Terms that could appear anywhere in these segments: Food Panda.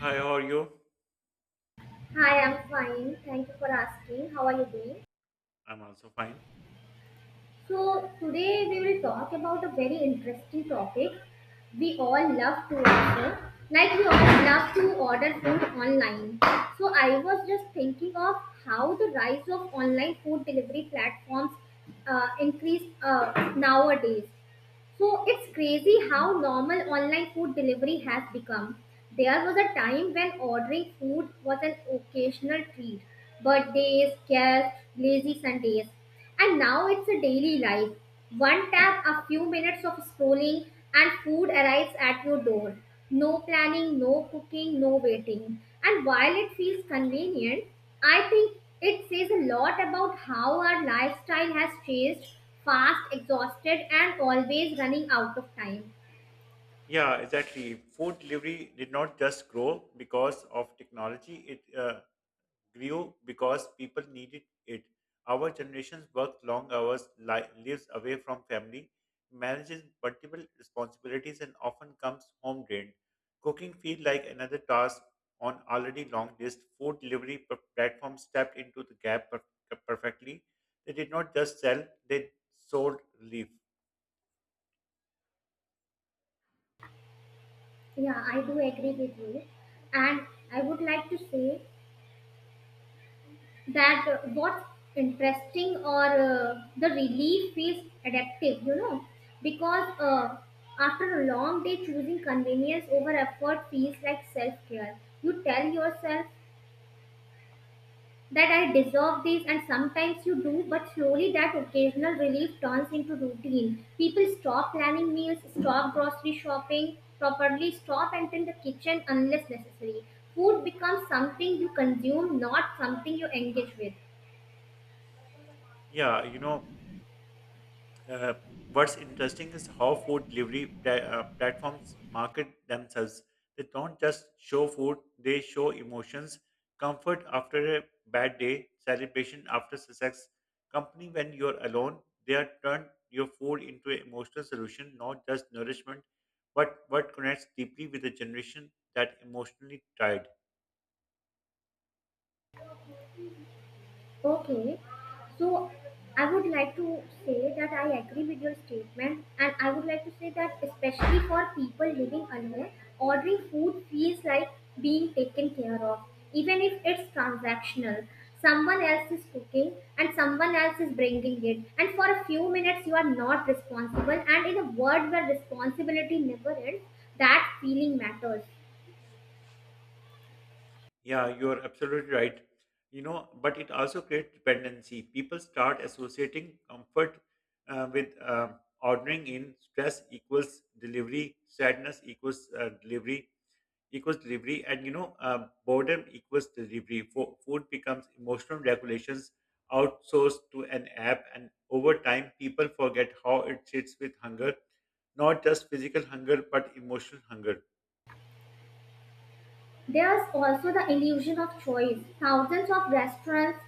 Hi, how are you? Hi, I'm fine. Thank you for asking. How are you doing? I'm also fine. So, today we will talk about a very interesting topic. We all love to order. Like, we all love to order food online. So, I was just thinking of how the rise of online food delivery platforms increased nowadays. So it's crazy how normal online food delivery has become. There was a time when ordering food was an occasional treat, birthdays, guests, lazy Sundays. And now it's a daily life. One tap, a few minutes of scrolling, and food arrives at your door. No planning, no cooking, no waiting. And while it feels convenient, I think it says a lot about how our lifestyle has changed fast, exhausted, and always running out of time. Yeah, exactly. Food delivery did not just grow because of technology. It grew because people needed it. Our generations worked long hours, lives away from family, manages multiple responsibilities, and often comes home drained. Cooking feels like another task on already long list. Food delivery platforms stepped into the gap perfectly. They did not just sell; they sold relief. Yeah, I do agree with you. And I would like to say that what's interesting or the relief is addictive, you know, because after a long day, choosing convenience over effort feels like self care. You tell yourself that I deserve this, and sometimes you do, but slowly that occasional relief turns into routine. People stop planning meals, stop grocery shopping properly, stop entering the kitchen unless necessary. Food becomes something you consume, not something you engage with. Yeah, you know. Uh, what's interesting is how food delivery platforms market themselves. They don't just show food, they show emotions, comfort after a bad day, celebration after success. Company when you're alone, they are turned your food into an emotional solution, not just nourishment, but what connects deeply with a generation that emotionally tired. Okay, so I would like to say that I agree with your statement, and I would like to say that, especially for people living alone, ordering food feels like being taken care of, even if it's transactional. Someone else is cooking and someone else is bringing it, and for a few minutes, you are not responsible. And in a world where responsibility never ends, that feeling matters. Yeah, you're absolutely right. You know, but it also creates dependency. People start associating comfort with ordering in stress equals delivery, sadness equals delivery, equals delivery, and boredom equals delivery. Food becomes emotional regulations outsourced to an app, and over time, people forget how it sits with hunger, not just physical hunger, but emotional hunger. There's also the illusion of choice. Thousands of restaurants,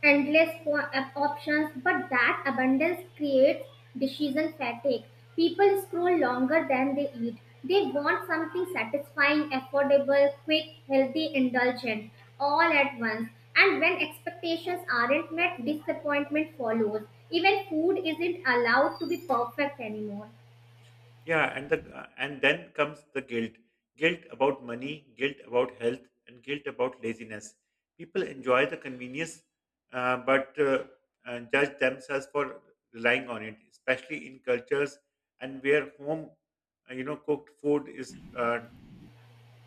endless options, but that abundance creates decision fatigue. People scroll longer than they eat. They want something satisfying, affordable, quick, healthy, indulgent, all at once. And when expectations aren't met, disappointment follows. Even food isn't allowed to be perfect anymore. Yeah, and then comes the guilt. Guilt about money, guilt about health, and guilt about laziness. People enjoy the convenience, but judge themselves for relying on it, especially in cultures and where home, cooked food is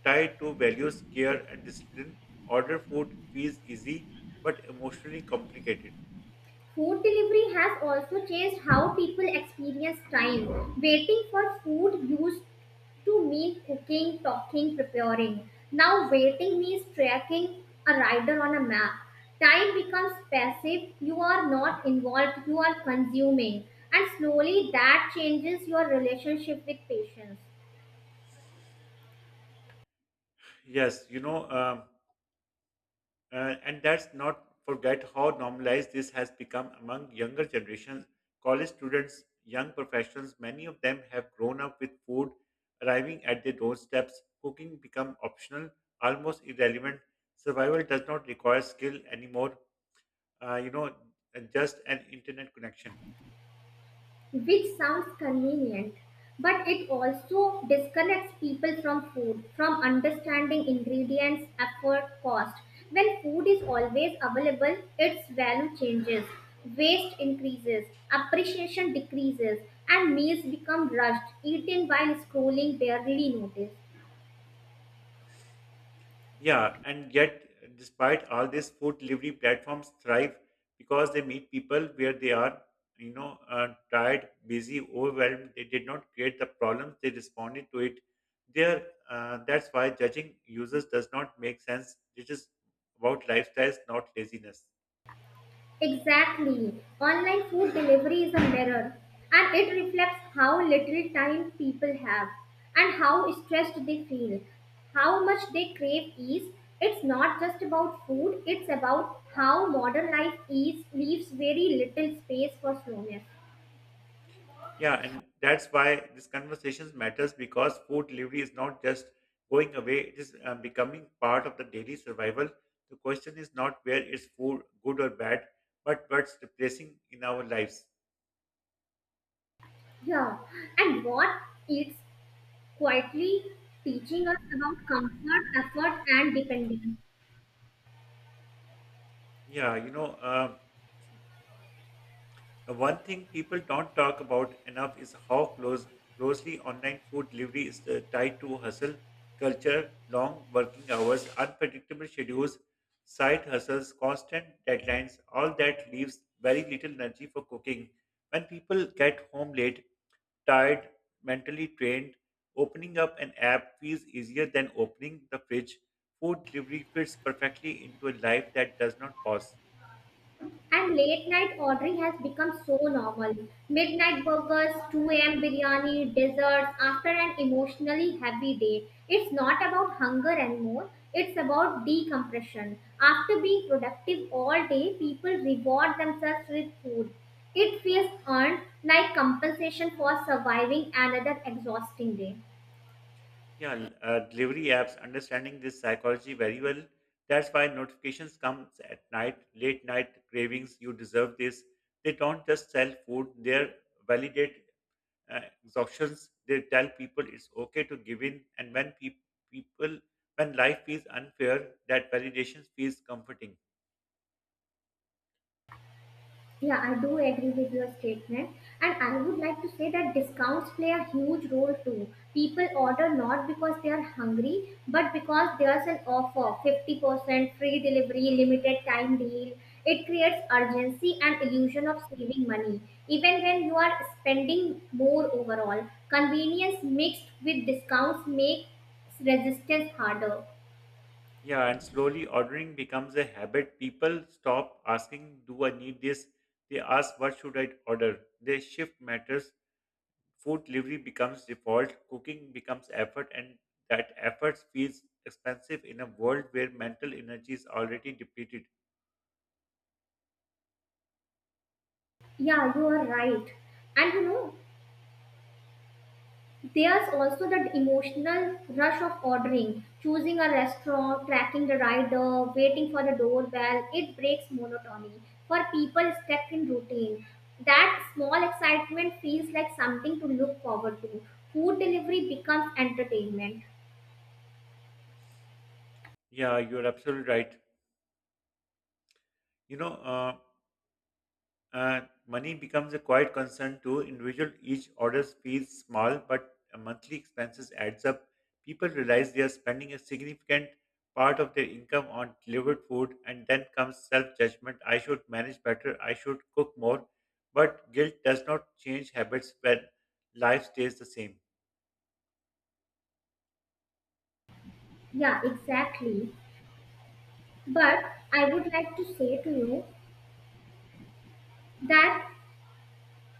tied to values, care, and discipline. Order food feels easy, but emotionally complicated. Food delivery has also changed how people experience time. Waiting for food used to mean cooking, talking, preparing. Now, waiting means tracking a rider on a map. Time becomes passive, you are not involved, you are consuming, and slowly that changes your relationship with patience. Yes, you know. And that's not forget how normalized this has become among younger generations. College students, young professionals, many of them have grown up with food arriving at their doorsteps. Cooking become optional, almost irrelevant. Survival does not require skill anymore. Uh, you know, and just an internet connection. Which sounds convenient, but it also disconnects people from food, from understanding ingredients, effort, cost. When food is always available, its value changes, waste increases, appreciation decreases, and meals become rushed, eaten while scrolling barely noticed. Yeah, and yet, despite all this, food delivery platforms thrive because they meet people where they are, tired, busy, overwhelmed. They did not create the problems; they responded to it. That's why judging users does not make sense. It is about lifestyles, not laziness. Exactly. Online food delivery is a mirror and it reflects how little time people have and how stressed they feel, how much they crave ease. It's not just about food, it's about how modern life eats leaves very little space for slowness. Yeah, and that's why this conversations matters because food delivery is not just going away; it is becoming part of the daily survival. The question is not where is food good or bad, but what's replacing in our lives. Yeah, and what it's quietly teaching us about comfort, effort, and dependence. Yeah, you know. One thing people don't talk about enough is how closely online food delivery is tied to hustle culture, long working hours, unpredictable schedules, side hustles, constant deadlines. All that leaves very little energy for cooking. When people get home late, tired, mentally drained, opening up an app feels easier than opening the fridge. Food delivery fits perfectly into a life that does not pause. And late night ordering has become so normal. Midnight burgers, 2 a.m. biryani, desserts after an emotionally heavy day. It's not about hunger anymore, it's about decompression. After being productive all day, people reward themselves with food. It feels earned like compensation for surviving another exhausting day. Yeah, delivery apps understanding this psychology very well. That's why notifications comes at night, late night cravings. You deserve this. They don't just sell food; they are validate exhaustions. They tell people it's okay to give in, and when peop people when life feels unfair, that validation feels comforting. Yeah, I do agree with your statement. And I would like to say that discounts play a huge role too. People order not because they are hungry, but because there's an offer 50% free delivery, limited time deal. It creates urgency and illusion of saving money. Even when you are spending more overall, convenience mixed with discounts makes resistance harder. Yeah, and slowly ordering becomes a habit. People stop asking, "Do I need this?" They ask, "What should I order?" They shift matters food delivery becomes default, cooking becomes effort, and that effort feels expensive in a world where mental energy is already depleted. Yeah, you are right. And you know, there's also that emotional rush of ordering, choosing a restaurant, tracking the rider, waiting for the doorbell. It breaks monotony. For people stuck in routine, that small excitement feels like something to look forward to. Food delivery becomes entertainment. Yeah, you're absolutely right. You know, uh, Uh, Money becomes a quiet concern too. Individual each orders feels small, but monthly expenses adds up. People realize they are spending a significant part of their income on delivered food, and then comes self-judgment. I should manage better. I should cook more. But guilt does not change habits when life stays the same. Yeah, exactly. But I would like to say to you that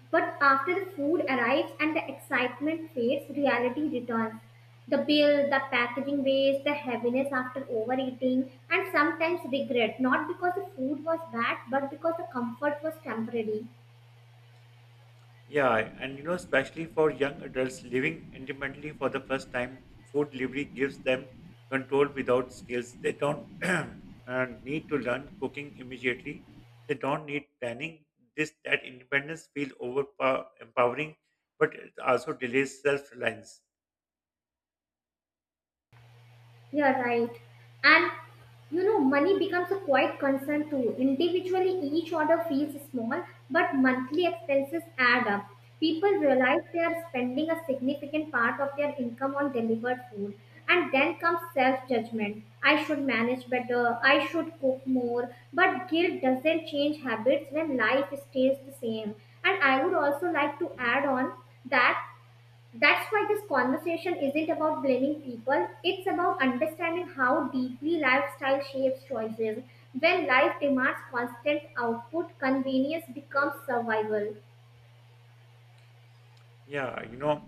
but after the food arrives and the excitement fades, reality returns. The bill, the packaging waste, the heaviness after overeating, and sometimes regret, not because the food was bad, but because the comfort was temporary. Yeah, and you know, especially for young adults living independently for the first time, food delivery gives them control without skills. They don't need to learn cooking immediately. They don't need planning. This that independence feel over empowering, but it also delays self reliance. Yeah, right. And you know, money becomes a quiet concern too. Individually, each order feels small, but monthly expenses add up. People realize they are spending a significant part of their income on delivered food. And then comes self judgment. I should manage better. I should cook more. But guilt doesn't change habits when life stays the same. And I would also like to add on that that's why this conversation isn't about blaming people, it's about understanding how deeply lifestyle shapes choices. When life demands constant output, convenience becomes survival. Yeah, you know.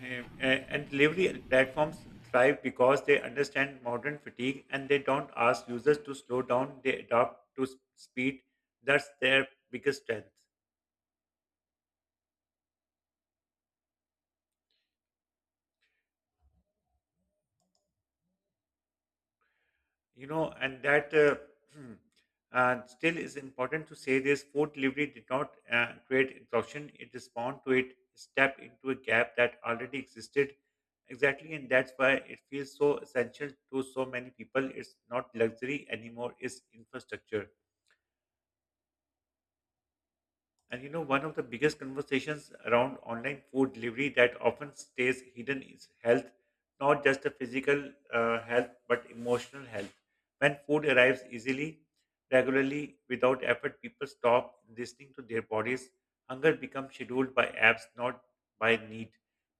Um, And delivery platforms thrive because they understand modern fatigue and they don't ask users to slow down. They adapt to speed. That's their biggest strength, you know. And that still is important to say this: food delivery did not create exhaustion; it responded to it, stepped into a gap that already existed. Exactly, and that's why it feels so essential to so many people. It's not luxury anymore; it's infrastructure. And you know, one of the biggest conversations around online food delivery that often stays hidden is health, not just the physical health, but emotional health. When food arrives easily, regularly, without effort, people stop listening to their bodies. Hunger becomes scheduled by apps, not by need.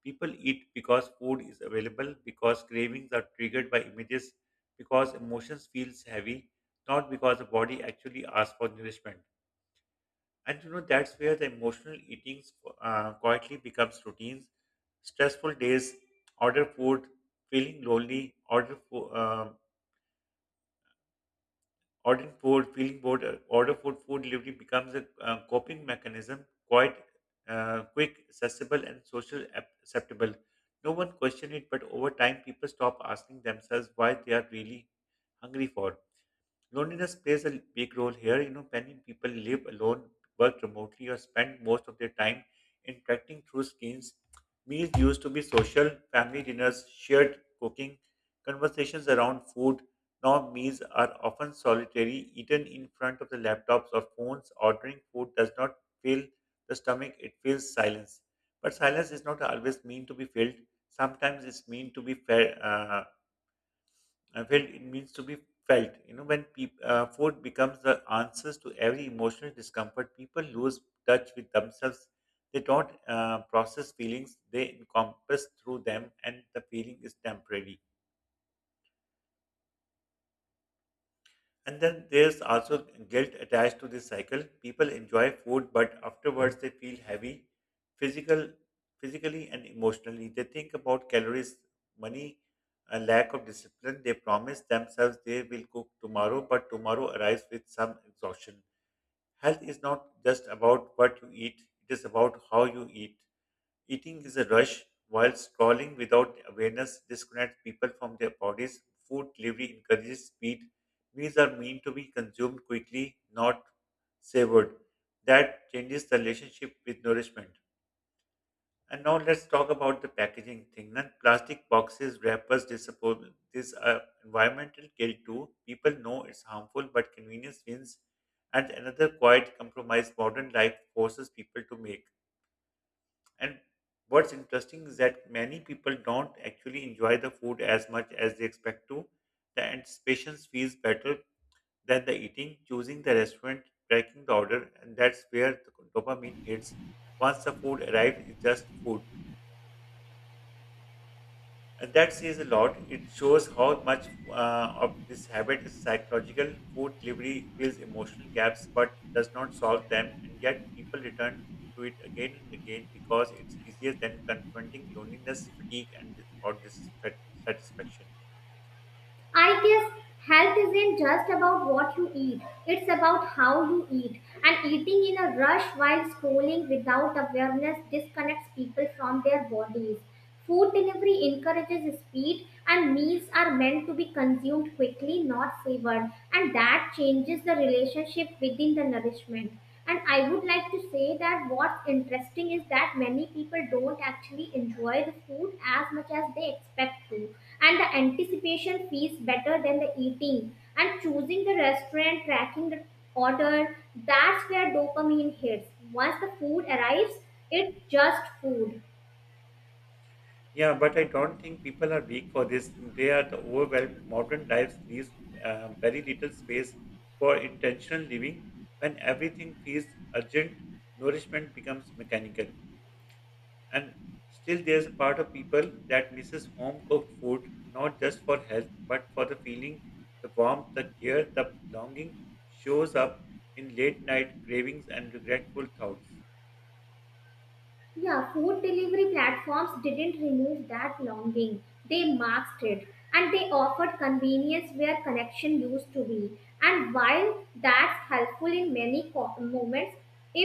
People eat because food is available, because cravings are triggered by images, because emotions feels heavy, not because the body actually asks for nourishment. And you know, that's where the emotional eating quietly becomes routines. Stressful days, order food, feeling lonely, ordering food, feeling bored, order food, food delivery becomes a coping mechanism, quite quick, accessible, and social acceptable. No one questions it, but over time, people stop asking themselves why they are really hungry for. Loneliness plays a big role here. You know, many people live alone, work remotely, or spend most of their time interacting through screens. Meals used to be social, family dinners, shared cooking, conversations around food. Now, meals are often solitary, eaten in front of the laptops or phones. Ordering food does not fill the stomach, it fills silence. But silence is not always mean to be filled. Sometimes it's mean to be felt. I felt it means to be felt. You know, when peop food becomes the answers to every emotional discomfort, people lose touch with themselves. They don't process feelings; they encompass through them, and the feeling is temporary. And then there's also guilt attached to this cycle. People enjoy food, but afterwards they feel heavy, physical, physically and emotionally. They think about calories, money, a lack of discipline. They promise themselves they will cook tomorrow, but tomorrow arrives with some exhaustion. Health is not just about what you eat, it is about how you eat. Eating is a rush, while scrolling without awareness disconnects people from their bodies. Food delivery encourages speed. Meals are meant to be consumed quickly, not savored. That changes the relationship with nourishment. And now let's talk about the packaging thing. Then plastic boxes, wrappers, disposable. These are environmental guilt too. People know it's harmful, but convenience wins. And another quiet compromise modern life forces people to make. And what's interesting is that many people don't actually enjoy the food as much as they expect to. The anticipation feels better than the eating, choosing the restaurant, tracking the order, and that's where the dopamine hits. Once the food arrives, it's just food. And that says a lot. It shows how much of this habit is psychological. Food delivery fills emotional gaps but does not solve them, and yet people return to it again and again because it's easier than confronting loneliness, fatigue, and or dissatisfaction. I guess health isn't just about what you eat, it's about how you eat. And eating in a rush while scrolling without awareness disconnects people from their bodies. Food delivery encourages speed, and meals are meant to be consumed quickly, not savored. And that changes the relationship within the nourishment. And I would like to say that what's interesting is that many people don't actually enjoy the food as much as they expect to, and the anticipation feels better than the eating and choosing the restaurant, tracking the order. That's where dopamine hits. Once the food arrives, it's just food. Yeah, but I don't think people are weak for this. They are the overwhelmed. Modern lives leaves very little space for intentional living. When everything feels urgent, nourishment becomes mechanical. And still, there's a part of people that misses home cooked food, not just for health, but for the feeling, the warmth, the care, the longing shows up in late night cravings and regretful thoughts. Yeah, food delivery platforms didn't remove that longing, they masked it, and they offered convenience where connection used to be, and while that's helpful in many moments,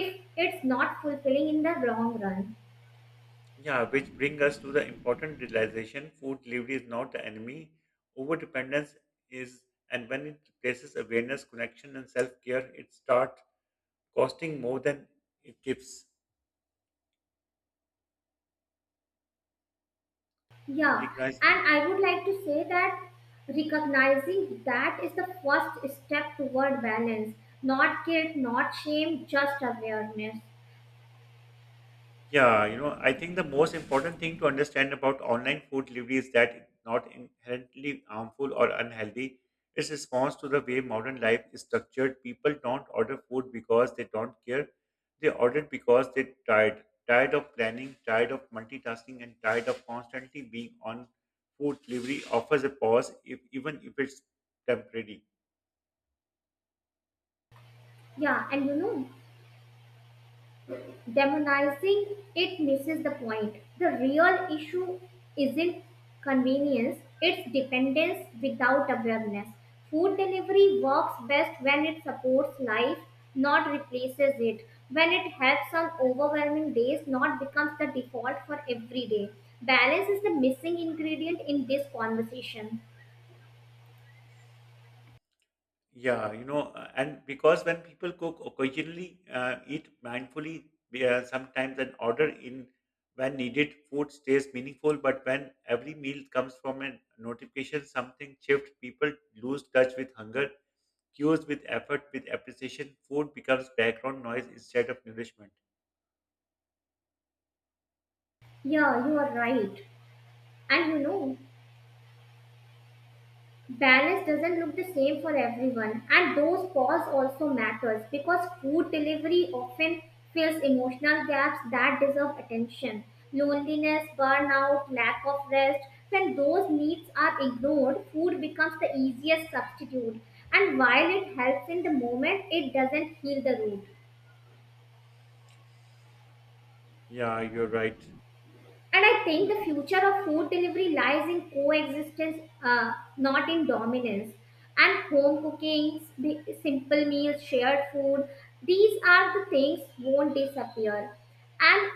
if it's not fulfilling in the long run. Yeah, which bring us to the important realization food delivery is not the enemy. Over dependence is, and when it replaces awareness, connection, and self care, it starts costing more than it gives. And Yeah, recognize. and I would like to say that recognizing that is the first step toward balance. Not guilt, not shame, just awareness. Yeah, you know, I think the most important thing to understand about online food delivery is that it's not inherently harmful or unhealthy. It's response to the way modern life is structured. People don't order food because they don't care. They order because they're tired, tired of planning, tired of multitasking, and tired of constantly being on. Food delivery offers a pause, if even if it's temporary. Yeah, and you know, demonizing it misses the point. The real issue isn't convenience, it's dependence without awareness. Food delivery works best when it supports life, not replaces it. When it helps on overwhelming days, not becomes the default for every day. Balance is the missing ingredient in this conversation. Yeah, you know, and because when people cook occasionally, eat mindfully, we are sometimes an order in when needed, food stays meaningful. But when every meal comes from a notification, something shifts, people lose touch with hunger, cues with effort, with appreciation. Food becomes background noise instead of nourishment. Yeah, you are right. And you know, balance doesn't look the same for everyone, and those pause also matters because food delivery often fills emotional gaps that deserve attention, loneliness, burnout, lack of rest. When those needs are ignored, food becomes the easiest substitute, and while it helps in the moment, it doesn't heal the root. Yeah, you're right. And I think the future of food delivery lies in coexistence, not in dominance. And home cooking, the simple meals, shared food, these are the things won't disappear. And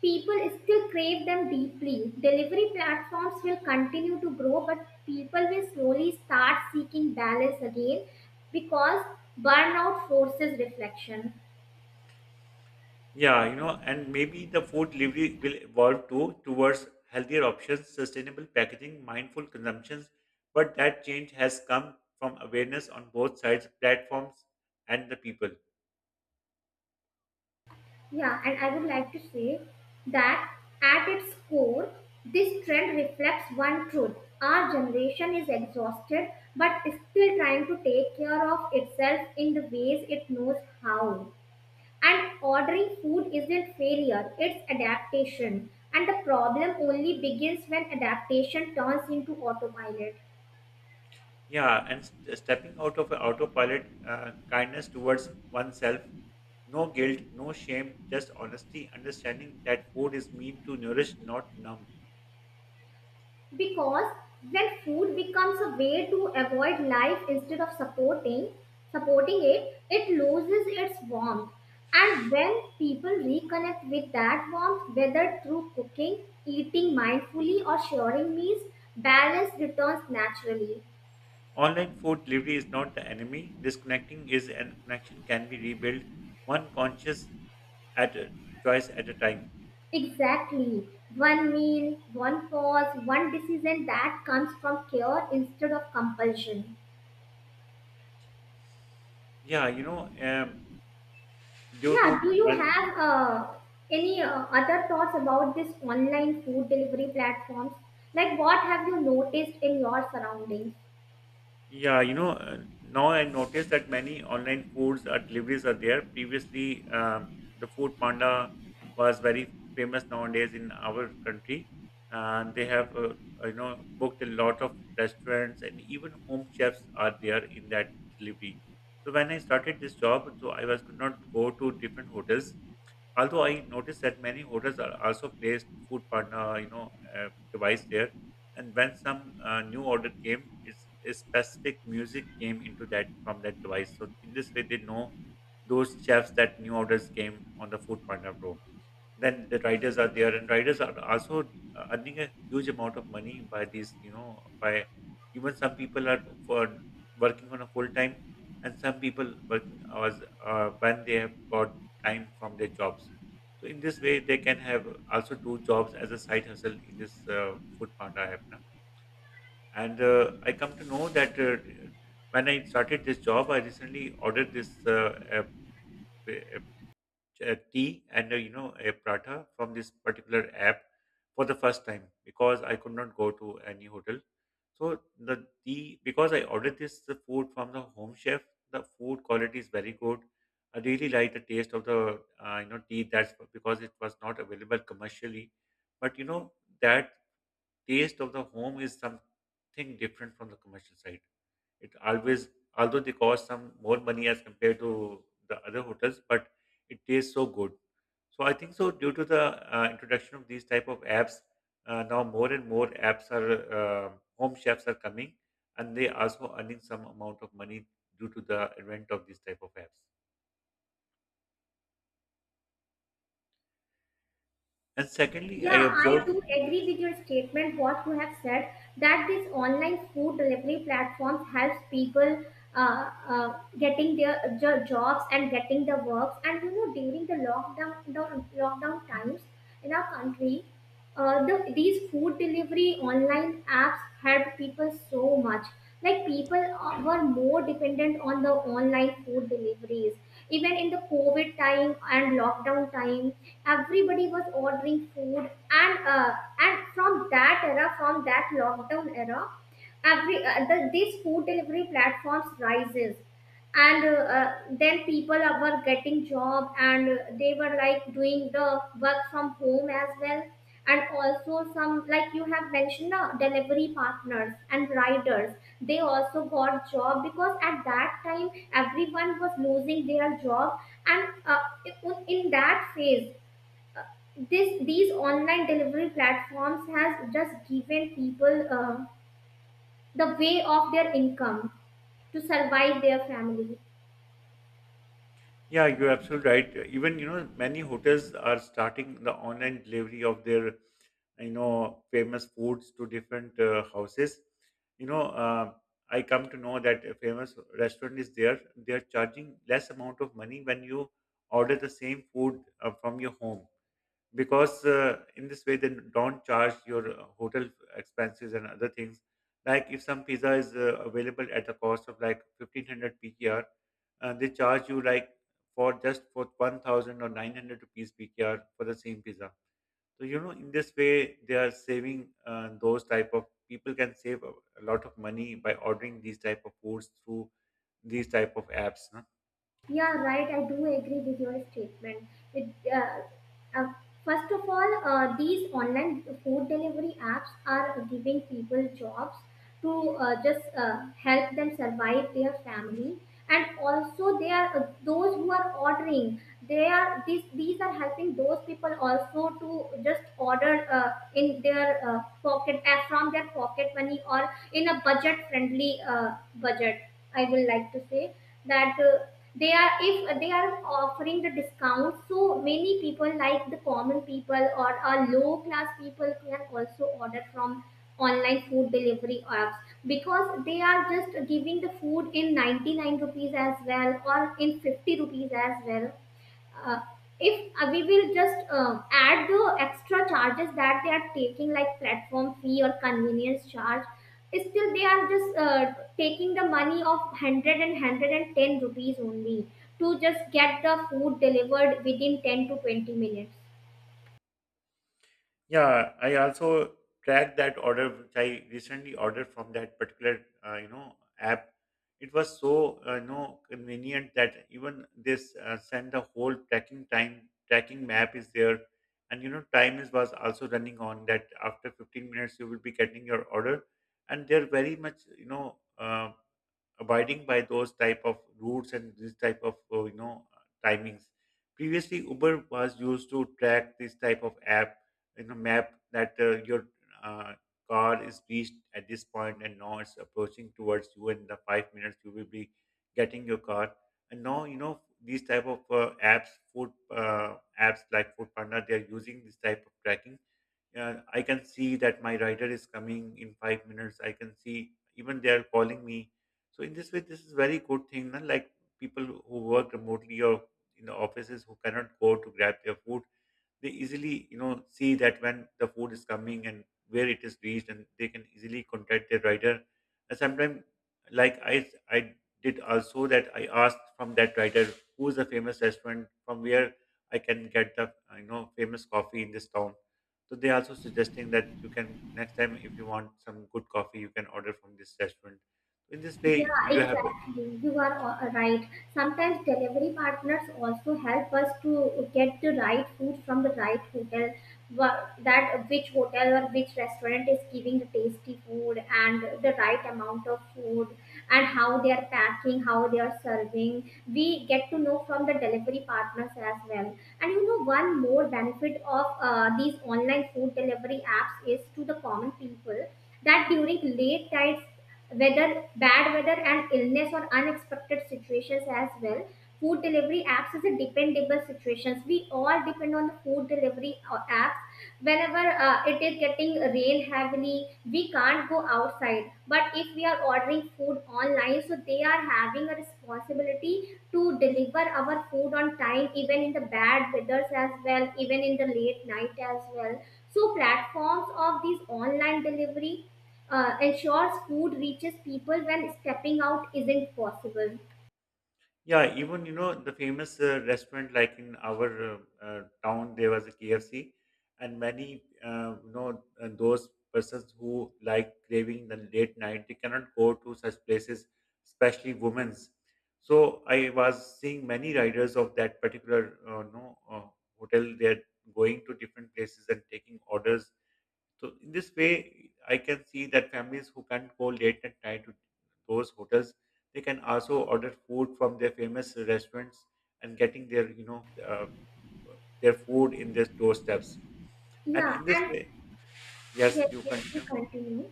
people still crave them deeply. Delivery platforms will continue to grow, but people will slowly start seeking balance again because burnout forces reflection. Yeah, you know, and maybe the food delivery will evolve too towards healthier options, sustainable packaging, mindful consumptions. But that change has come from awareness on both sides, platforms and the people. Yeah, and I would like to say that at its core, this trend reflects one truth. Our generation is exhausted but is still trying to take care of itself in the ways it knows how. And ordering food isn't failure, it's adaptation. And the problem only begins when adaptation turns into autopilot. Yeah, and stepping out of a autopilot, kindness towards oneself, no guilt, no shame, just honesty, understanding that food is meant to nourish, not numb. Because when food becomes a way to avoid life instead of supporting it, it loses its warmth. And when people reconnect with that warmth, whether through cooking, eating mindfully, or sharing meals, balance returns naturally. Online food delivery is not the enemy. Disconnecting is an connection can be rebuilt. One conscious at a- twice at a time. Exactly. One meal, one pause, one decision that comes from care instead of compulsion. Yeah, due to Yeah, do you when. have any other thoughts about this online food delivery platforms? Like, what have you noticed in your surroundings? Yeah, now I noticed that many online foods or deliveries are there. Previously, the Food Panda was very famous nowadays in our country. And they have, booked a lot of restaurants, and even home chefs are there in that delivery. So when I started this job, so I was could not go to different hotels. Although I noticed that many hotels are also placed Food Panda, device there. And when some new order came, it's a specific music came into that from that device, so in this way they know those chefs that new orders came on the food panda pro. Then the riders are there, and riders are also earning a huge amount of money by these, by even some people are for working on a full time, and some people working hours when they have got time from their jobs. So in this way they can have also do jobs as a side hustle in this food panda app, na? And I come to know that when I started this job, I recently ordered this a- a tea and a prata from this particular app for the first time because I could not go to any hotel. So the tea, because I ordered this the food from the home chef, the food quality is very good. I really like the taste of the tea. That's because it was not available commercially, but that taste of the home is something different from the commercial side. It always, although they cost some more money as compared to the other hotels, but it tastes so good. So I think so due to the introduction of these type of apps, now more and more apps are home chefs are coming, and they also earning some amount of money due to the advent of these type of apps. And secondly, I Yeah, I observed. do agree with your statement. What you have said that this online food delivery platforms helps people getting their jobs and getting the works. And you know, during the lockdown times in our country, these food delivery online apps helped people so much. Like people were more dependent on the online food deliveries. Even in the COVID time and lockdown time, everybody was ordering food, and uh, and from that era, from that lockdown era, these food delivery platforms rises, and then people were getting job, and they were like doing the work from home as well, and also some, like you have mentioned, the delivery partners and riders, they also got job because at that time everyone was losing their job, and in that phase this these online delivery platforms has just given people the way of their income to survive their family. Yeah, you're absolutely right. Even, many hotels are starting the online delivery of their, famous foods to different houses. You know, uh, I come to know that a famous restaurant is there. They are charging less amount of money when you order the same food from your home, because in this way they don't charge your hotel expenses and other things. Like if some pizza is available at a cost of like 1500 PKR, they charge you like for just for 1000 or 900 rupees PKR for the same pizza. So in this way they are saving, those type of people can save a lot of money by ordering these type of foods through these type of apps. Yeah, right. I do agree with your statement. It, uh, uh, First of all, these online food delivery apps are giving people jobs to just help them survive their family, and also they are those who are ordering. They are, these are helping those people also to just order in their pocket, from their pocket money or in a budget friendly budget. I will like to say that. They are, if they are offering the discount, so many people like the common people or a low class people can also order from online food delivery apps because they are just giving the food in 99 rupees as well or in 50 rupees as well. Uh, if uh, we will just add the extra charges that they are taking like platform fee or convenience charge, still they are just taking the money of 100 rupees only to just get the food delivered within 10 to 20 minutes. Yeah, I also tracked that order which I recently ordered from that particular app. It was so convenient that even this send the whole tracking time tracking map is there, and time is was also running on that. After 15 minutes, you will be getting your order, and they're very much abiding by those type of routes and this type of timings. Previously, Uber was used to track this type of app, map, that your uh, car is reached at this point, and now it's approaching towards you, and in the 5 minutes you will be getting your car. And now these type of apps food apps like foodpanda, they are using this type of tracking. I can see that my rider is coming in 5 minutes. I can see, even they are calling me. So in this way this is very good thing, na? Like people who work remotely or in the offices who cannot go to grab their food, they easily see that when the food is coming and where it is reached, and they can easily contact their rider. And sometimes, like I did also that, I asked from that rider who is the famous restaurant from where I can get the famous coffee in this town. So they also suggesting that you can, next time, if you want some good coffee, you can order from this restaurant. In this Yeah, way you have. exactly. You are all right. Sometimes delivery partners also help us to get the right food from the right hotel, that which hotel or which restaurant is giving the tasty food and the right amount of food, and how they are packing, how they are serving. We get to know from the delivery partners as well. And you know, one more benefit of these online food delivery apps is to the common people that during late nights, weather, bad weather, and illness or unexpected situations as well. Food delivery apps is a dependable situations. We all depend on the food delivery apps. Whenever it is getting rain heavily, we can't go outside, but if we are ordering food online, so they are having a responsibility to deliver our food on time even in the bad weathers as well, even in the late night as well. So platforms of these online delivery ensures food reaches people when stepping out isn't possible. Yeah, even the famous restaurant, like in our town, there was a KFC, and many those persons who like craving the late night, they cannot go to such places, especially women's. So I was seeing many riders of that particular no hotel. They're going to different places and taking orders. So in this way, I can see that families who can't go late at night to those hotels, they can also order food from their famous restaurants, and getting their you know their food in their doorsteps. And Yeah, in this and way, yes, yes, you yes, you continue. continue.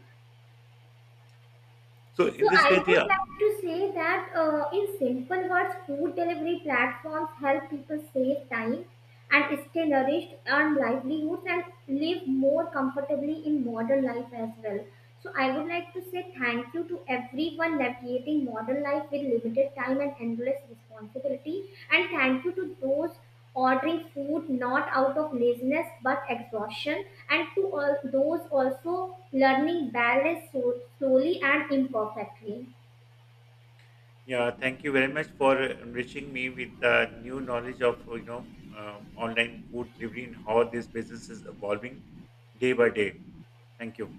So So in this I way, they. would like to say that in simple words, food delivery platforms help people save time and stay nourished, earn livelihoods, and live more comfortably in modern life as well. So I would like to say thank you to everyone navigating modern life with limited time and endless responsibility, and thank you to those ordering food not out of laziness but exhaustion, and to all those also learning balance so slowly and imperfectly. Yeah, thank you very much for enriching me with the new knowledge of online food delivery and how this business is evolving day by day. Thank you.